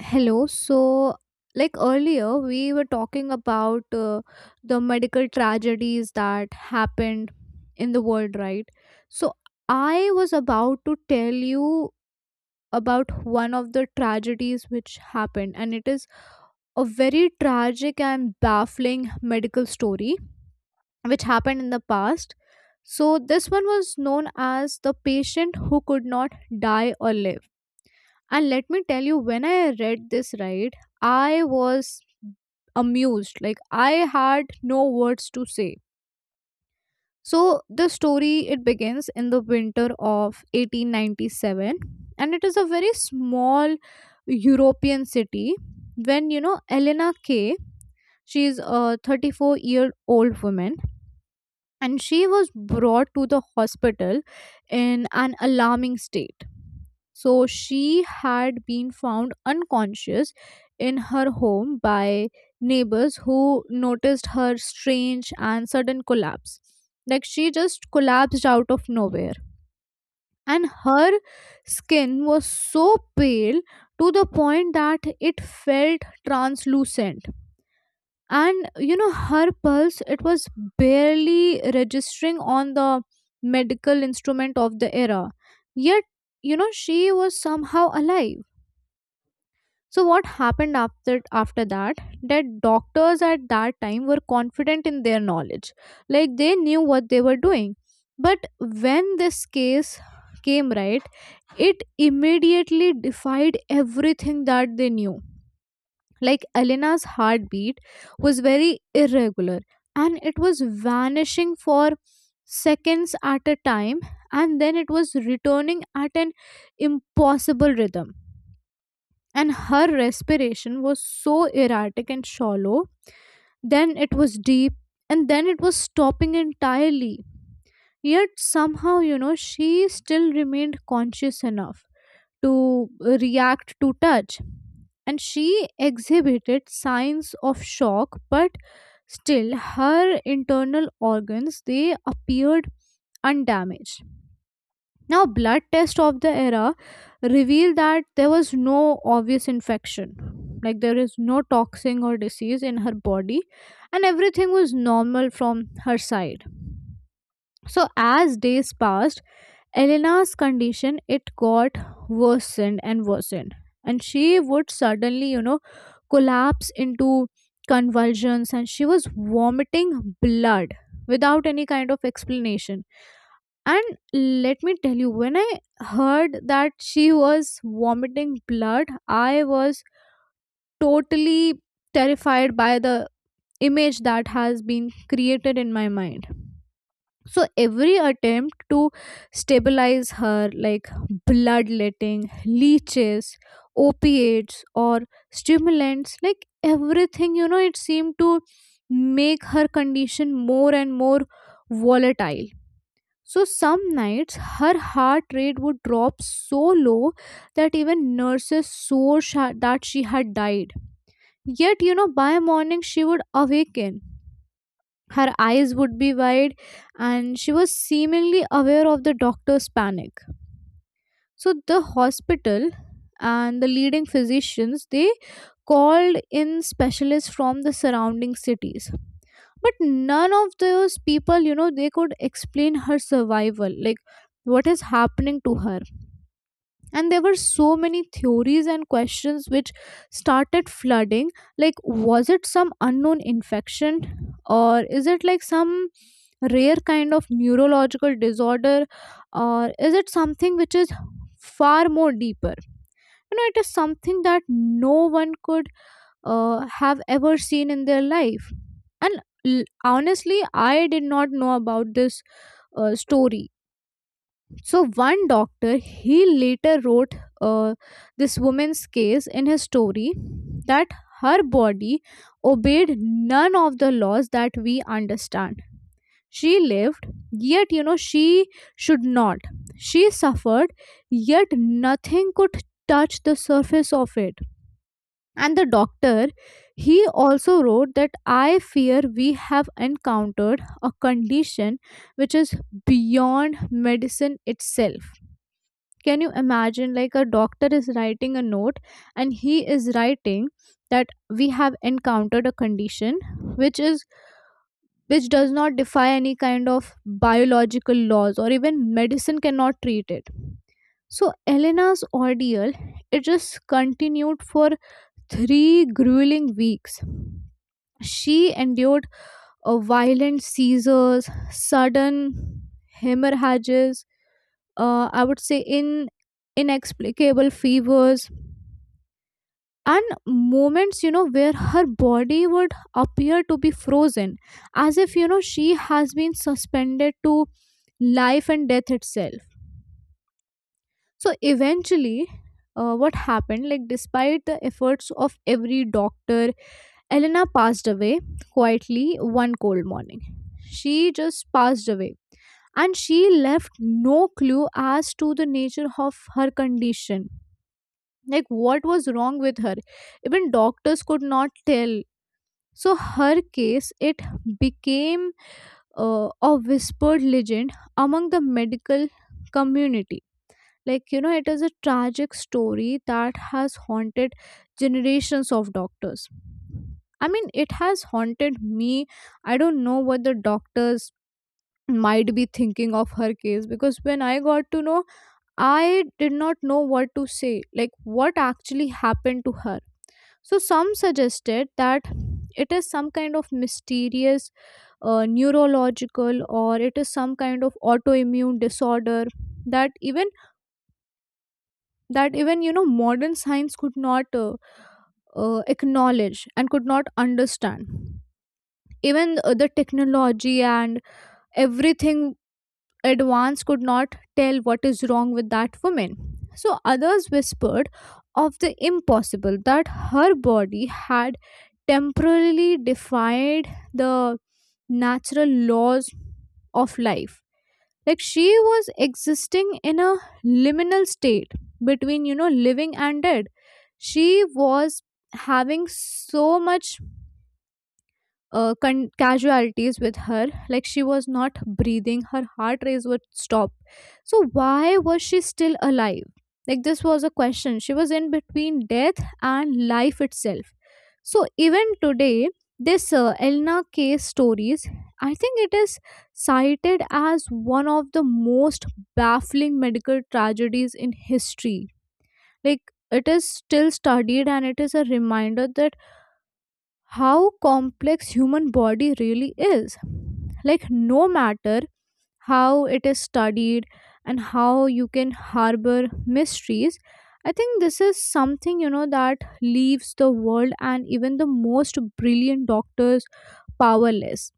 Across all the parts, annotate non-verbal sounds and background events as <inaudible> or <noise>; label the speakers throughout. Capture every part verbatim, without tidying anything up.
Speaker 1: Hello. So, like earlier, we were talking about uh, the medical tragedies that happened in the world, right? So, I was about to tell you about one of the tragedies which happened, and it is a very tragic and baffling medical story which happened in the past. So, this one was known as the patient who could not die or live. And let me tell you, when I read this, right, I was amused. Like, I had no words to say. So, the story it begins in the winter of eighteen ninety-seven, and it is a very small European city when you know Elena K, she is a thirty-four year old woman and she was brought to the hospital in an alarming state. So she had been found unconscious in her home by neighbors who noticed her strange and sudden collapse. Like she just collapsed out of nowhere. And her skin was so pale to the point that it felt translucent, and you know her pulse it was barely registering on the medical instrument of the era. Yet you know she was somehow alive. So what happened after after that, that doctors at that time were confident in their knowledge. Like they knew what they were doing, but when this case came, right, it immediately defied everything that they knew. Like Elena's heartbeat was very irregular and it was vanishing for seconds at a time, and then it was returning at an impossible rhythm. And her respiration was so erratic and shallow, then it was deep, and then it was stopping entirely. Yet somehow, you know, she still remained conscious enough to react to touch. And she exhibited signs of shock, but still her internal organs they appeared undamaged. Now blood test of the era revealed that there was no obvious infection. Like there is no toxin or disease in her body, and everything was normal from her side. So as days passed, Elena's condition it got worsened and worsened, and she would suddenly you know collapse into convulsions, and she was vomiting blood without any kind of explanation. And let me tell you, when I heard that she was vomiting blood, I was totally terrified by the image that has been created in my mind. So every attempt to stabilize her, like bloodletting, leeches, opiates, or stimulants, like everything, you know, it seemed to make her condition more and more volatile. So some nights her heart rate would drop so low that even nurses swore sha- that she had died. Yet, you know, by morning she would awaken. Her eyes would be wide, and she was seemingly aware of the doctor's panic. So the hospital and the leading physicians they called in specialists from the surrounding cities, but none of those people you know they could explain her survival. Like what is happening to her? And there were so many theories and questions which started flooding. Like, was it some unknown infection? Or is it like some rare kind of neurological disorder? Or is it something which is far more deeper? You know, it is something that no one could uh, have ever seen in their life. And l- honestly I did not know about this uh, story. So one doctor, he later wrote, uh, this woman's case in his story, that her body obeyed none of the laws that we understand. She lived, yet you know she should not. She suffered, yet nothing could touch the surface of it. And the doctor, he also wrote that I fear we have encountered a condition which is beyond medicine itself. Can you imagine, like a doctor is writing a note and he is writing that we have encountered a condition which is which does not defy any kind of biological laws or even medicine cannot treat it. So Elena's ordeal it just continued for three grueling weeks. She endured a violent seizures, sudden hemorrhages, uh, I would say, in inexplicable fevers, and moments you know where her body would appear to be frozen, as if you know she has been suspended to life and death itself. So eventually, uh, what happened, like despite the efforts of every doctor, Elena passed away quietly one cold morning. She just passed away and she left no clue as to the nature of her condition. Like, what was wrong with her? Even doctors could not tell. So, her case, it became uh, a whispered legend among the medical community. Like, you know, it is a tragic story that has haunted generations of doctors. I mean, it has haunted me. I don't know what the doctors might be thinking of her case because when I got to know, I did not know what to say. Like, what actually happened to her? So, some suggested that it is some kind of mysterious uh, neurological or it is some kind of autoimmune disorder that even that even you know modern science could not uh, uh, acknowledge and could not understand, even uh, the technology and everything advance could not tell what is wrong with that woman. So others whispered of the impossible that her body had temporarily defied the natural laws of life. Like she was existing in a liminal state between, you know, living and dead. She was having so much uh, con- casualties with her. Like she was not breathing, her heart rate would stop, so why was she still alive? Like this was a question, she was in between death and life itself. So even today, this uh, Elna case stories, I think it is cited as one of the most baffling medical tragedies in history. Like it is still studied and it is a reminder that how complex human body really is. Like no matter how it is studied and how you can harbor mysteries, I think this is something you know that leaves the world and even the most brilliant doctors powerless.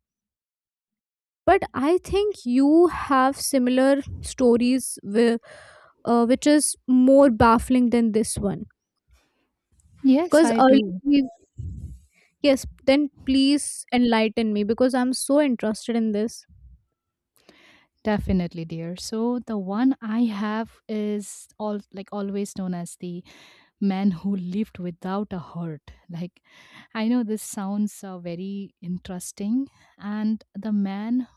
Speaker 1: But I think you have similar stories with, uh, which is more baffling than this one
Speaker 2: Yes,
Speaker 1: because
Speaker 2: I
Speaker 1: earlier
Speaker 2: do.
Speaker 1: we- yes, then please enlighten me because I'm so interested in this.
Speaker 2: Definitely, dear. So the one I have is all like always known as the man who lived without a heart. Like I know this sounds uh, very interesting, and the man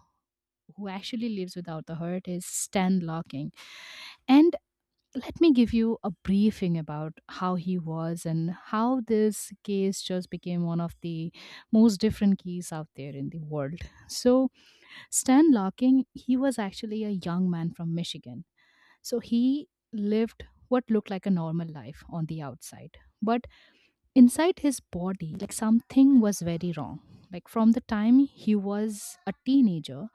Speaker 2: who actually lives without the heart is Stan Locking. And let me give you a briefing about how he was and how this case just became one of the most different keys out there in the world. So Stan Larkin, he was actually a young man from Michigan. So he lived what looked like a normal life on the outside. But inside his body, like something was very wrong. Like from the time he was a teenager,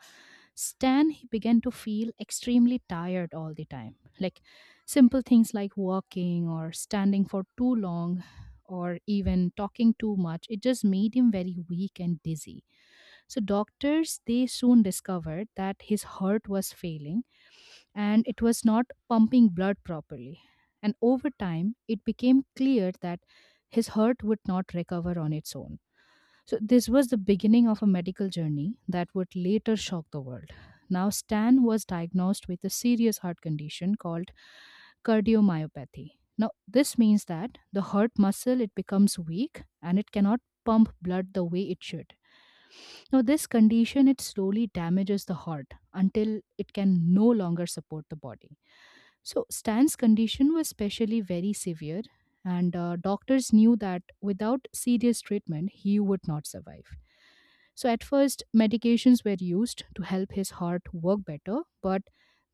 Speaker 2: Stan he began to feel extremely tired all the time. Like simple things like walking or standing for too long or even talking too much, it just made him very weak and dizzy. So doctors they soon discovered that his heart was failing and it was not pumping blood properly. And over time it became clear that his heart would not recover on its own. So this was the beginning of a medical journey that would later shock the world. Now Stan was diagnosed with a serious heart condition called cardiomyopathy. Now this means that the heart muscle it becomes weak and it cannot pump blood the way it should. Now, this condition it slowly damages the heart until it can no longer support the body. So, Stan's condition was specially very severe, and uh, doctors knew that without serious treatment, he would not survive. So, at first, medications were used to help his heart work better, but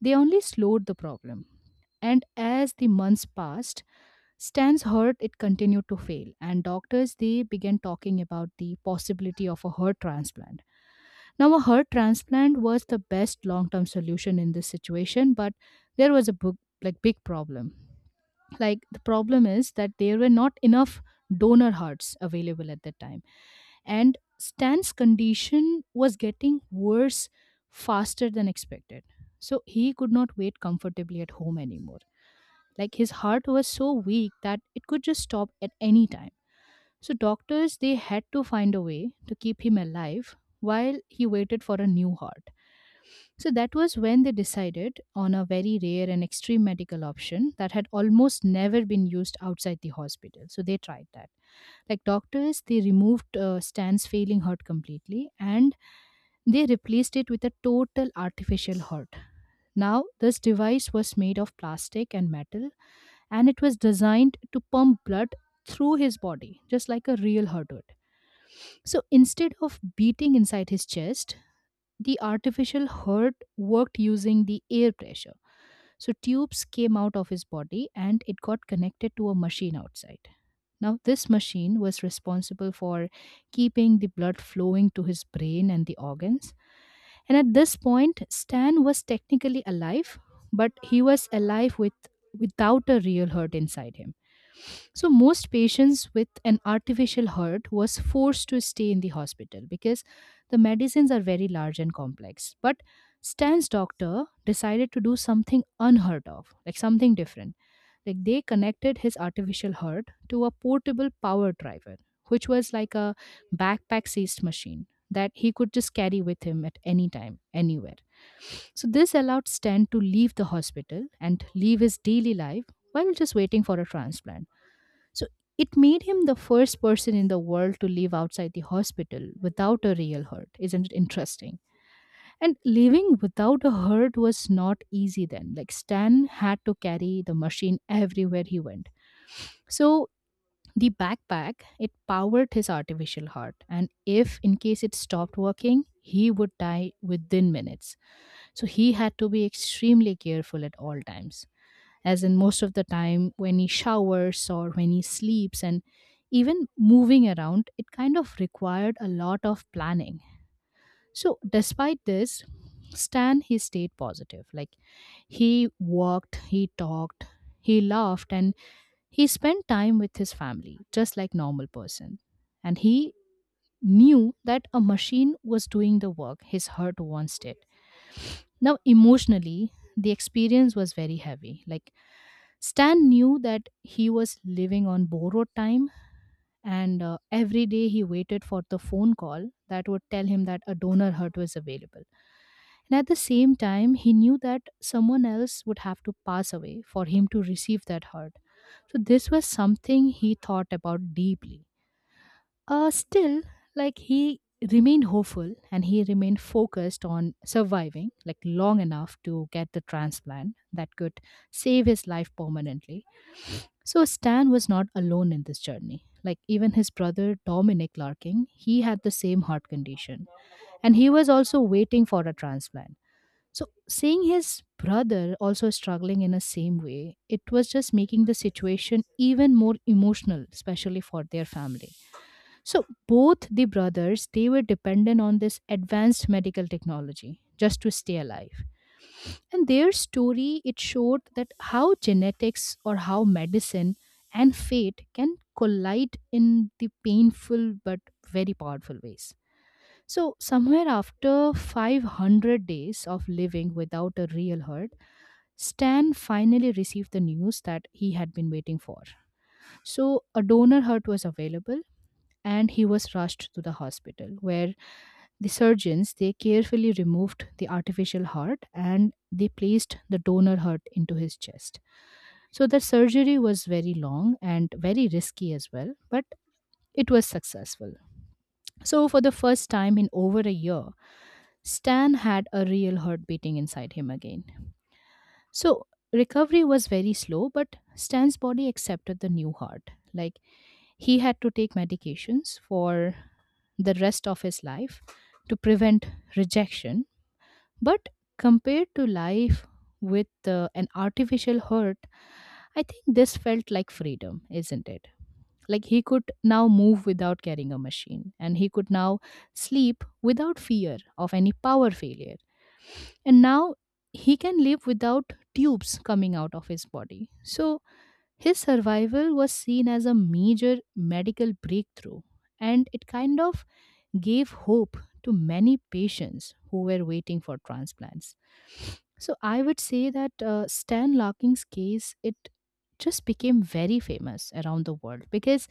Speaker 2: they only slowed the problem. And as the months passed, Stan's heart it continued to fail, and doctors they began talking about the possibility of a heart transplant. Now, a heart transplant was the best long-term solution in this situation, but there was a big, like big problem. Like the problem is that there were not enough donor hearts available at that time, and Stan's condition was getting worse faster than expected. So he could not wait comfortably at home anymore. Like his heart was so weak that it could just stop at any time. So doctors they had to find a way to keep him alive while he waited for a new heart. So that was when they decided on a very rare and extreme medical option that had almost never been used outside the hospital. So they tried that, like doctors they removed uh, Stan's failing heart completely and they replaced it with a total artificial heart. Now this device was made of plastic and metal, and it was designed to pump blood through his body, just like a real heart would. So instead of beating inside his chest, the artificial heart worked using the air pressure. So tubes came out of his body and it got connected to a machine outside. Now, this machine was responsible for keeping the blood flowing to his brain and the organs. And at this point, Stan was technically alive, but he was alive with, without a real heart inside him. So, most patients with an artificial heart was forced to stay in the hospital because the medicines are very large and complex. But Stan's doctor decided to do something unheard of, like something different. Like they connected his artificial heart to a portable power driver, which was like a backpack sized machine that he could just carry with him at any time, anywhere. So this allowed Stan to leave the hospital and leave his daily life while just waiting for a transplant. So it made him the first person in the world to live outside the hospital without a real hurt. Isn't it interesting? And living without a hurt was not easy then. Like Stan had to carry the machine everywhere he went. So the backpack it powered his artificial heart, and if in case it stopped working he would die within minutes. So he had to be extremely careful at all times, as in most of the time when he showers or when he sleeps and even moving around, it kind of required a lot of planning. So, despite this, Stan he stayed positive. Like he walked, he talked, he laughed, and he spent time with his family, just like normal person. And he knew that a machine was doing the work his heart once did. Now, emotionally, the experience was very heavy. Like, Stan knew that he was living on borrowed time, and uh, every day he waited for the phone call that would tell him that a donor heart was available. And at the same time, he knew that someone else would have to pass away for him to receive that heart. So, this was something he thought about deeply. Uh, still, like he remained hopeful and he remained focused on surviving, like long enough to get the transplant that could save his life permanently. So Stan was not alone in this journey. Like even his brother Dominic Larkin, he had the same heart condition, and he was also waiting for a transplant. So seeing his brother also struggling in the same way, it was just making the situation even more emotional, especially for their family. So both the brothers they were dependent on this advanced medical technology just to stay alive. And their story it showed that how genetics or how medicine and fate can collide in the painful but very powerful ways. So somewhere after five hundred days of living without a real herd, Stan finally received the news that he had been waiting for. So, a donor heart was available, and he was rushed to the hospital where the surgeons they carefully removed the artificial heart and they placed the donor heart into his chest. So the surgery was very long and very risky as well, but it was successful. So for the first time in over a year, Stan had a real heart beating inside him again. So recovery was very slow, but Stan's body accepted the new heart. Like he had to take medications for the rest of his life to prevent rejection. But compared to life with uh, an artificial heart, I think this felt like freedom, isn't it? Like he could now move without carrying a machine, and he could now sleep without fear of any power failure, and now he can live without tubes coming out of his body. So his survival was seen as a major medical breakthrough, and it kind of gave hope to many patients who were waiting for transplants. So I would say that uh, Stan Larkin's case it just became very famous around the world because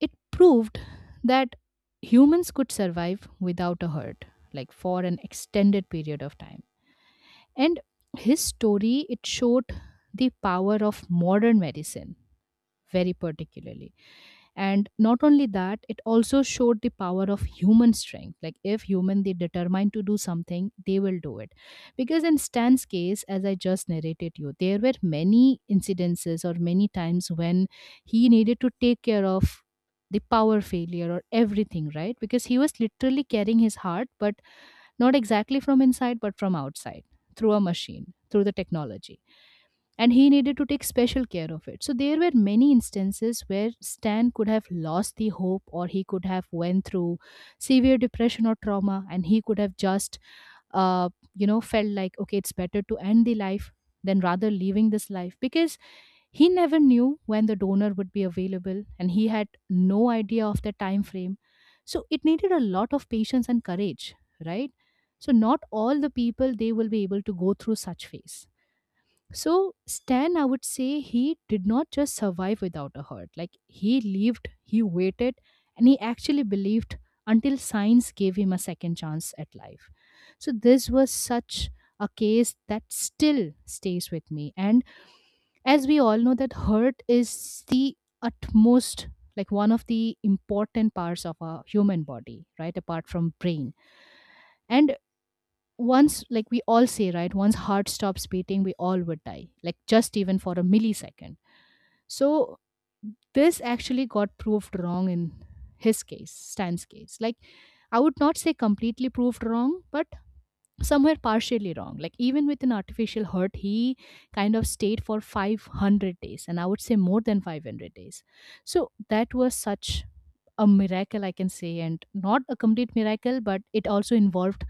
Speaker 2: it proved that humans could survive without a heart like for an extended period of time. And his story, it showed the power of modern medicine, very particularly. And not only that, it also showed the power of human strength. Like if human they determine to do something, they will do it. Because in Stan's case, as I just narrated you, there were many incidences or many times when he needed to take care of the power failure or everything, right? Because he was literally carrying his heart, but not exactly from inside, but from outside, through a machine, through the technology. And he needed to take special care of it. So there were many instances where Stan could have lost the hope, or he could have went through severe depression or trauma, and he could have just, uh, you know, felt like okay, it's better to end the life than rather leaving this life, because he never knew when the donor would be available and he had no idea of the time frame. So it needed a lot of patience and courage, right? So not all the people they will be able to go through such phase. So Stan, I would say he did not just survive without a heart. Like he lived, he waited, and he actually believed until science gave him a second chance at life. So this was such a case that still stays with me. And as we all know that hurt is the utmost, like one of the important parts of our human body, right, apart from brain. And once, like we all say, right, once heart stops beating we all would die, like just even for a millisecond. So this actually got proved wrong in his case, Stan's case. Like I would not say completely proved wrong, but somewhere partially wrong. Like even with an artificial heart he kind of stayed for five hundred days, and I would say more than five hundred days. So that was such a miracle I can say, and not a complete miracle, but it also involved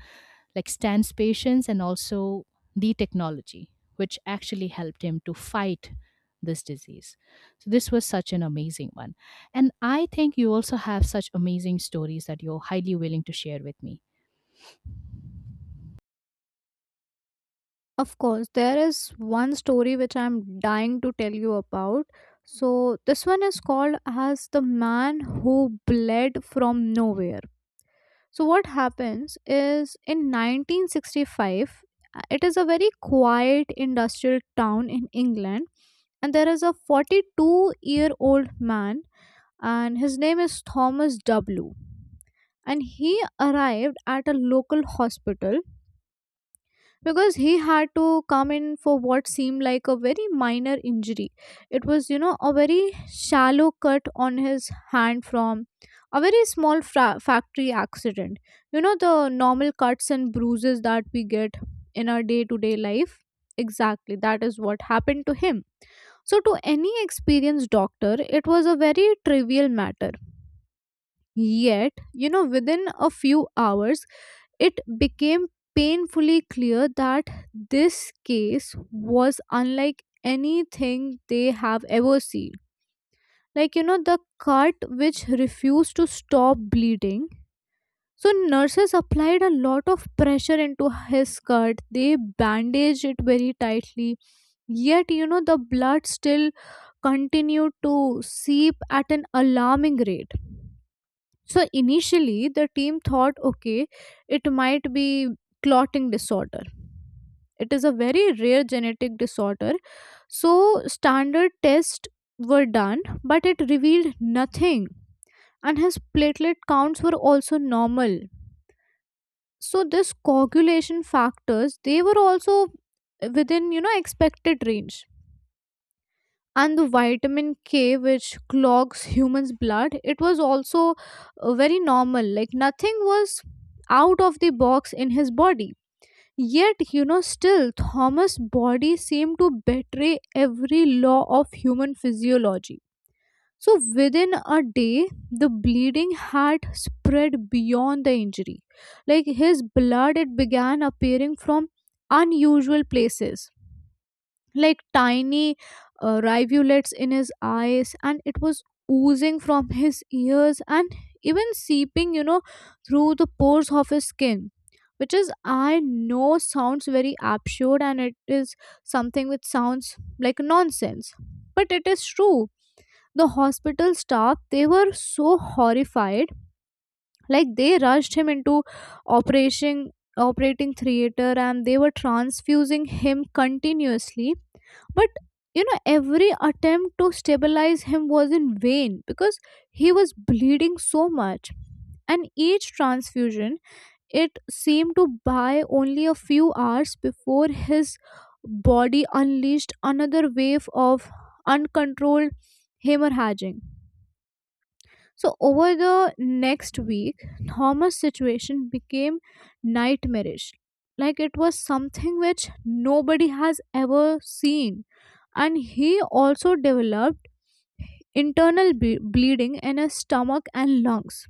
Speaker 2: like Stan's patience and also the technology which actually helped him to fight this disease. So this was such an amazing one, and I think you also have such amazing stories that you're highly willing to share with me.
Speaker 1: Of course, there is one story which I'm dying to tell you about. So, this one is called as The Man Who Bled from Nowhere. So, what happens is in nineteen sixty-five, uh, it is a very quiet industrial town in England, and there is a forty-two year old man, and his name is Thomas W. And he arrived at a local hospital because he had to come in for what seemed like a very minor injury. It was, you know, a very shallow cut on his hand from a very small fra- factory accident. You know, the normal cuts and bruises that we get in our day to day life. Exactly, that is what happened to him. So, to any experienced doctor, it was a very trivial matter. Yet, you know, within a few hours, it became painfully clear that this case was unlike anything they have ever seen. Like, you know, the cut which refused to stop bleeding. So, nurses applied a lot of pressure into his cut. They bandaged it very tightly. Yet, you know, the blood still continued to seep at an alarming rate. So initially, the team thought, okay, it might be clotting disorder. It is a very rare genetic disorder. So standard tests were done, but it revealed nothing. And his platelet counts were also normal. So this coagulation factors, they were also within, you know, expected range, and the vitamin K which clogs humans blood it was also uh, very normal. Like nothing was out of the box in his body. Yet you know still Thomas body seemed to betray every law of human physiology. So within a day, the bleeding had spread beyond the injury. Like his blood it began appearing from unusual places, like tiny uh, rivulets in his eyes, and it was oozing from his ears and even seeping you know through the pores of his skin, which is I know sounds very absurd and it is something which sounds like nonsense, but it is true. The hospital staff they were so horrified. Like they rushed him into operation operating theater, and they were transfusing him continuously. But you know, every attempt to stabilize him was in vain because he was bleeding so much. And each transfusion, it seemed to buy only a few hours before his body unleashed another wave of uncontrolled hemorrhaging. So over the next week, Thomas' situation became nightmarish. Like it was something which nobody has ever seen. And he also developed internal ble- bleeding in his stomach and lungs.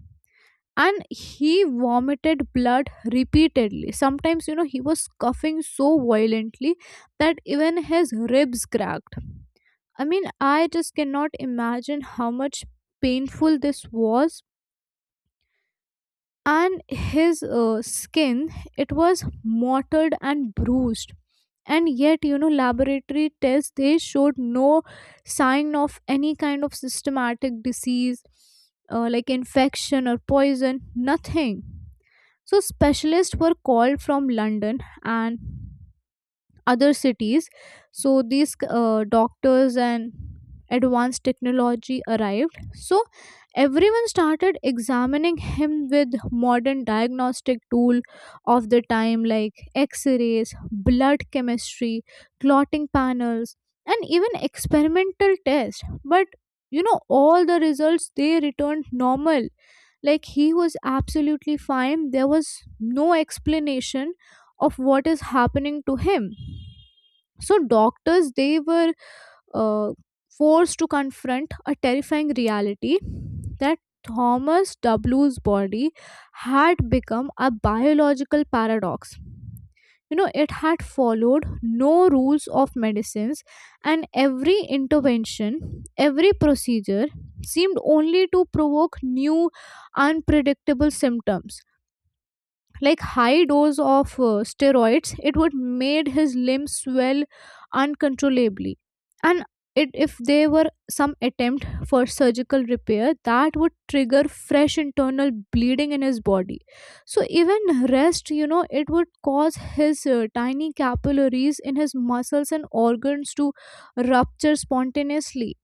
Speaker 1: And he vomited blood repeatedly. Sometimes, you know, he was coughing so violently that even his ribs cracked. I mean, I just cannot imagine how much painful this was. And his uh, skin it was mottled and bruised, and yet you know laboratory tests they showed no sign of any kind of systematic disease, uh, like infection or poison, nothing. So specialists were called from London and other cities. So these uh, doctors and advanced technology arrived, so everyone started examining him with modern diagnostic tool of the time, like x-rays, blood chemistry, clotting panels, and even experimental tests. But you know all the results they returned normal. Like he was absolutely fine. There was no explanation of what is happening to him. So doctors they were uh, forced to confront a terrifying reality that Thomas W's body had become a biological paradox. You know it had followed no rules of medicines, and every intervention, every procedure, seemed only to provoke new unpredictable symptoms. Like high dose of uh, steroids it would made his limbs swell uncontrollably. And it, if there were some attempt for surgical repair that would trigger fresh internal bleeding in his body. So even rest you know it would cause his uh, tiny capillaries in his muscles and organs to rupture spontaneously.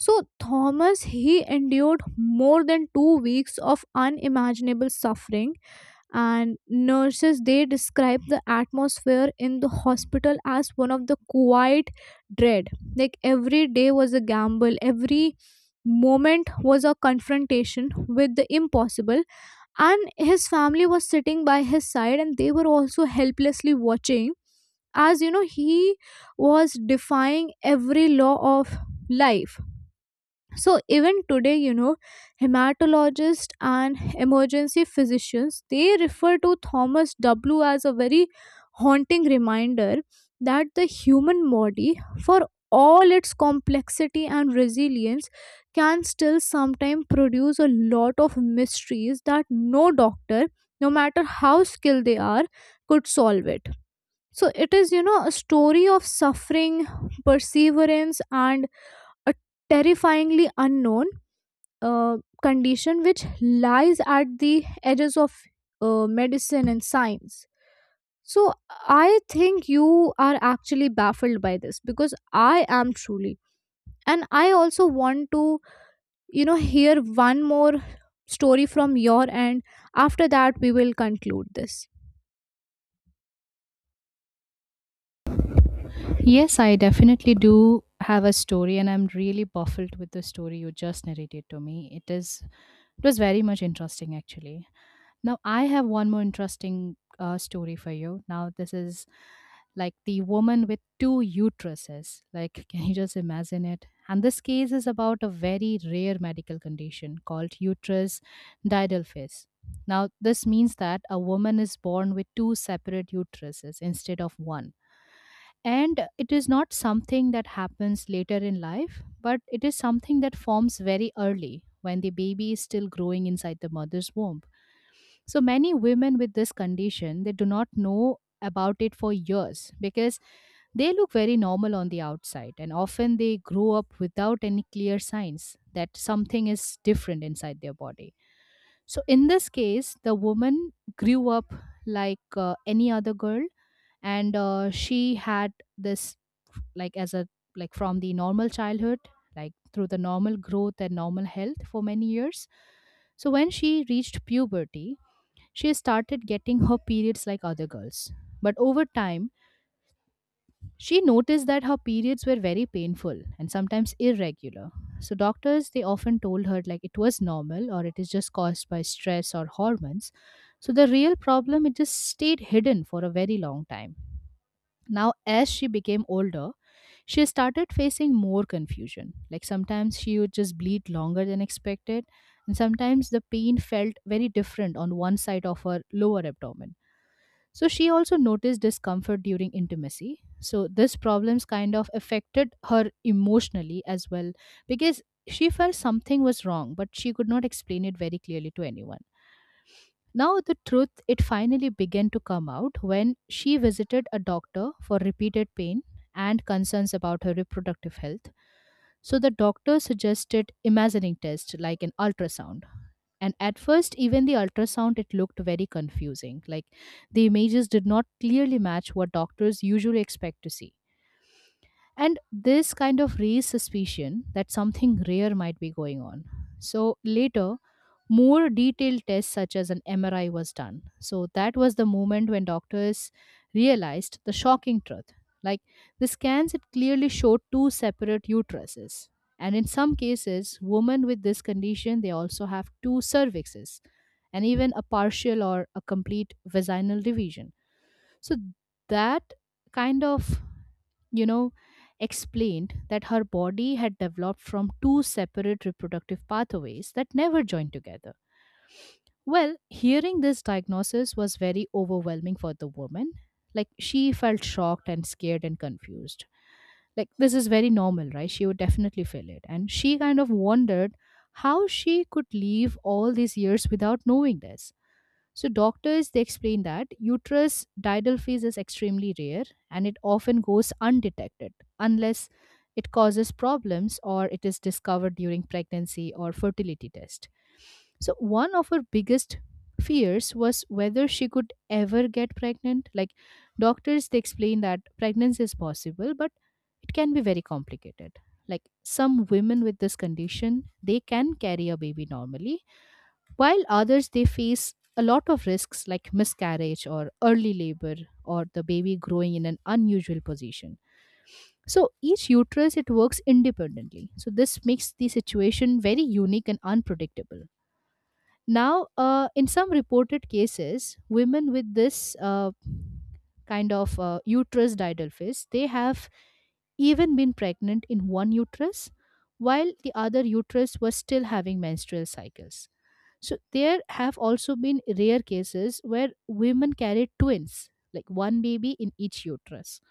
Speaker 1: So Thomas he endured more than two weeks of unimaginable suffering, and nurses they describe the atmosphere in the hospital as one of the quiet dread. Like every day was a gamble, every moment was a confrontation with the impossible. And his family was sitting by his side and they were also helplessly watching as you know he was defying every law of life. So even today you know hematologists and emergency physicians they refer to Thomas W as a very haunting reminder that the human body, for all its complexity and resilience, can still sometimes produce a lot of mysteries that no doctor, no matter how skilled they are, could solve it. So it is you know a story of suffering, perseverance, and a terrifyingly unknown uh, condition which lies at the edges of uh, medicine and science. So I think you are actually baffled by this because I am truly. And I also want to, you know, hear one more story from your end. After that, we will conclude this.
Speaker 2: Yes, I definitely do have a story, and I'm really baffled with the story you just narrated to me. It is it was very much interesting, actually. Now I have one more interesting uh, story for you. Now this is like the woman with two uteruses. Like, <laughs> can you just imagine it? And this case is about a very rare medical condition called uterus didelphys. Now, this means that a woman is born with two separate uteruses instead of one, and it is not something that happens later in life, but it is something that forms very early when the baby is still growing inside the mother's womb. So many women with this condition, they do not know about it for years because they look very normal on the outside, and often they grow up without any clear signs that something is different inside their body. So in this case, the woman grew up like uh, any other girl, and uh, she had this, like as a like from the normal childhood, like through the normal growth and normal health for many years. So when she reached puberty, she started getting her periods like other girls. But over time, she noticed that her periods were very painful and sometimes irregular. So doctors, they often told her like it was normal, or it is just caused by stress or hormones. So the real problem it just stayed hidden for a very long time. Now, as she became older, she started facing more confusion. Like sometimes she would just bleed longer than expected, and sometimes the pain felt very different on one side of her lower abdomen. So, she also noticed discomfort during intimacy. So, these problems kind of affected her emotionally as well, because she felt something was wrong, but she could not explain it very clearly to anyone. Now, the truth it finally began to come out when she visited a doctor for repeated pain and concerns about her reproductive health. So, the doctor suggested imaging test like an ultrasound. And at first, even the ultrasound it looked very confusing. Like the images did not clearly match what doctors usually expect to see. And this kind of raised suspicion that something rare might be going on. So later, more detailed tests such as an M R I was done. So that was the moment when doctors realized the shocking truth. Like the scans, it clearly showed two separate uteruses. And in some cases, women with this condition, they also have two cervixes and even a partial or a complete vaginal division. So that kind of, you know, explained that her body had developed from two separate reproductive pathways that never joined together. Well, hearing this diagnosis was very overwhelming for the woman. Like, she felt shocked and scared and confused. Like, this is very normal, right? She would definitely feel it. And she kind of wondered how she could live all these years without knowing this. So doctors they explain that uterus diidal phase is extremely rare and it often goes undetected unless it causes problems or it is discovered during pregnancy or fertility test. So one of her biggest fears was whether she could ever get pregnant. Like doctors, they explain that pregnancy is possible, but it can be very complicated. Like some women with this condition, they can carry a baby normally, while others they face a lot of risks like miscarriage or early labor or the baby growing in an unusual position. So each uterus it works independently, so this makes the situation very unique and unpredictable. Now, uh, in some reported cases, women with this uh, kind of uh, uterus didelphys, they have even been pregnant in one uterus while the other uterus was still having menstrual cycles. So there have also been rare cases where women carried twins, like one baby in each uterus.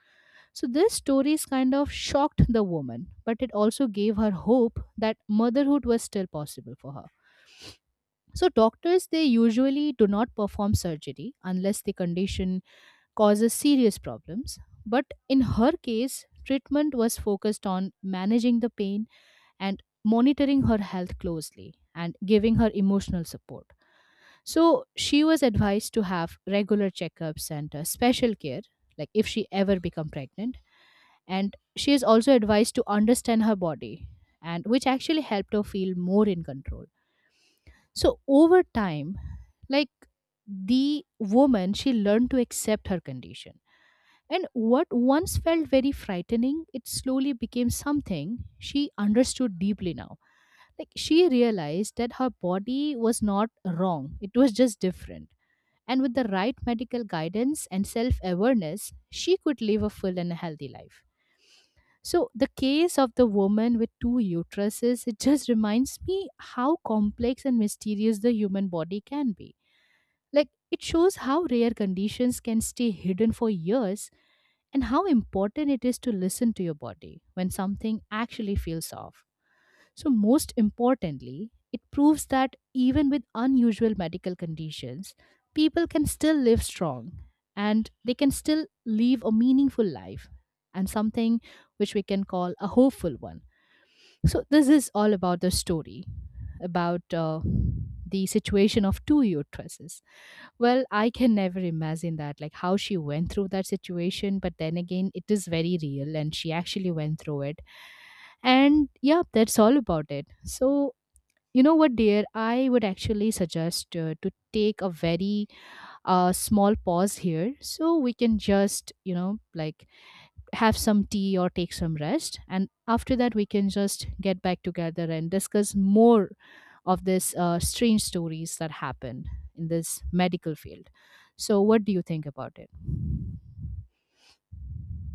Speaker 2: So these stories kind of shocked the woman, but it also gave her hope that motherhood was still possible for her. So doctors they usually do not perform surgery unless the condition causes serious problems, but in her case treatment was focused on managing the pain and monitoring her health closely and giving her emotional support. So she was advised to have regular checkups and uh, special care, like if she ever become pregnant. And she is also advised to understand her body, and which actually helped her feel more in control. So over time, like the woman, she learned to accept her condition. And what once felt very frightening, it slowly became something she understood deeply now. Like she realized that her body was not wrong, it was just different. And with the right medical guidance and self awareness, she could live a full and healthy life. So the case of the woman with two uteruses it just reminds me how complex and mysterious the human body can be. Like it shows how rare conditions can stay hidden for years, and how important it is to listen to your body when something actually feels off. So, most importantly, it proves that even with unusual medical conditions, people can still live strong and they can still live a meaningful life, and something which we can call a hopeful one. So, this is all about the story about uh, the situation of two uteruses. Well, I can never imagine that, like how she went through that situation, but then again, it is very real and she actually went through it. And yeah, that's all about it. So, you know what, dear? I would actually suggest uh, to take a very uh, small pause here, so we can just, you know, like have some tea or take some rest. And after that, we can just get back together and discuss more of this uh, strange stories that happen in this medical field. So, what do you think about it?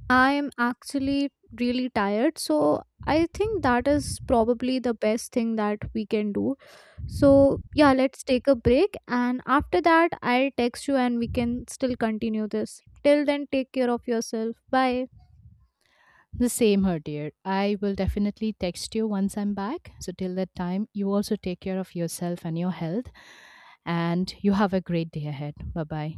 Speaker 1: I am actually really tired, so I think that is probably the best thing that we can do. So, yeah, let's take a break, and after that, I'll text you and we can still continue this. Till then, take care of yourself. Bye.
Speaker 2: The same her dear. I will definitely text you once I'm back. So till that time, you also take care of yourself and your health. And you have a great day ahead. Bye bye.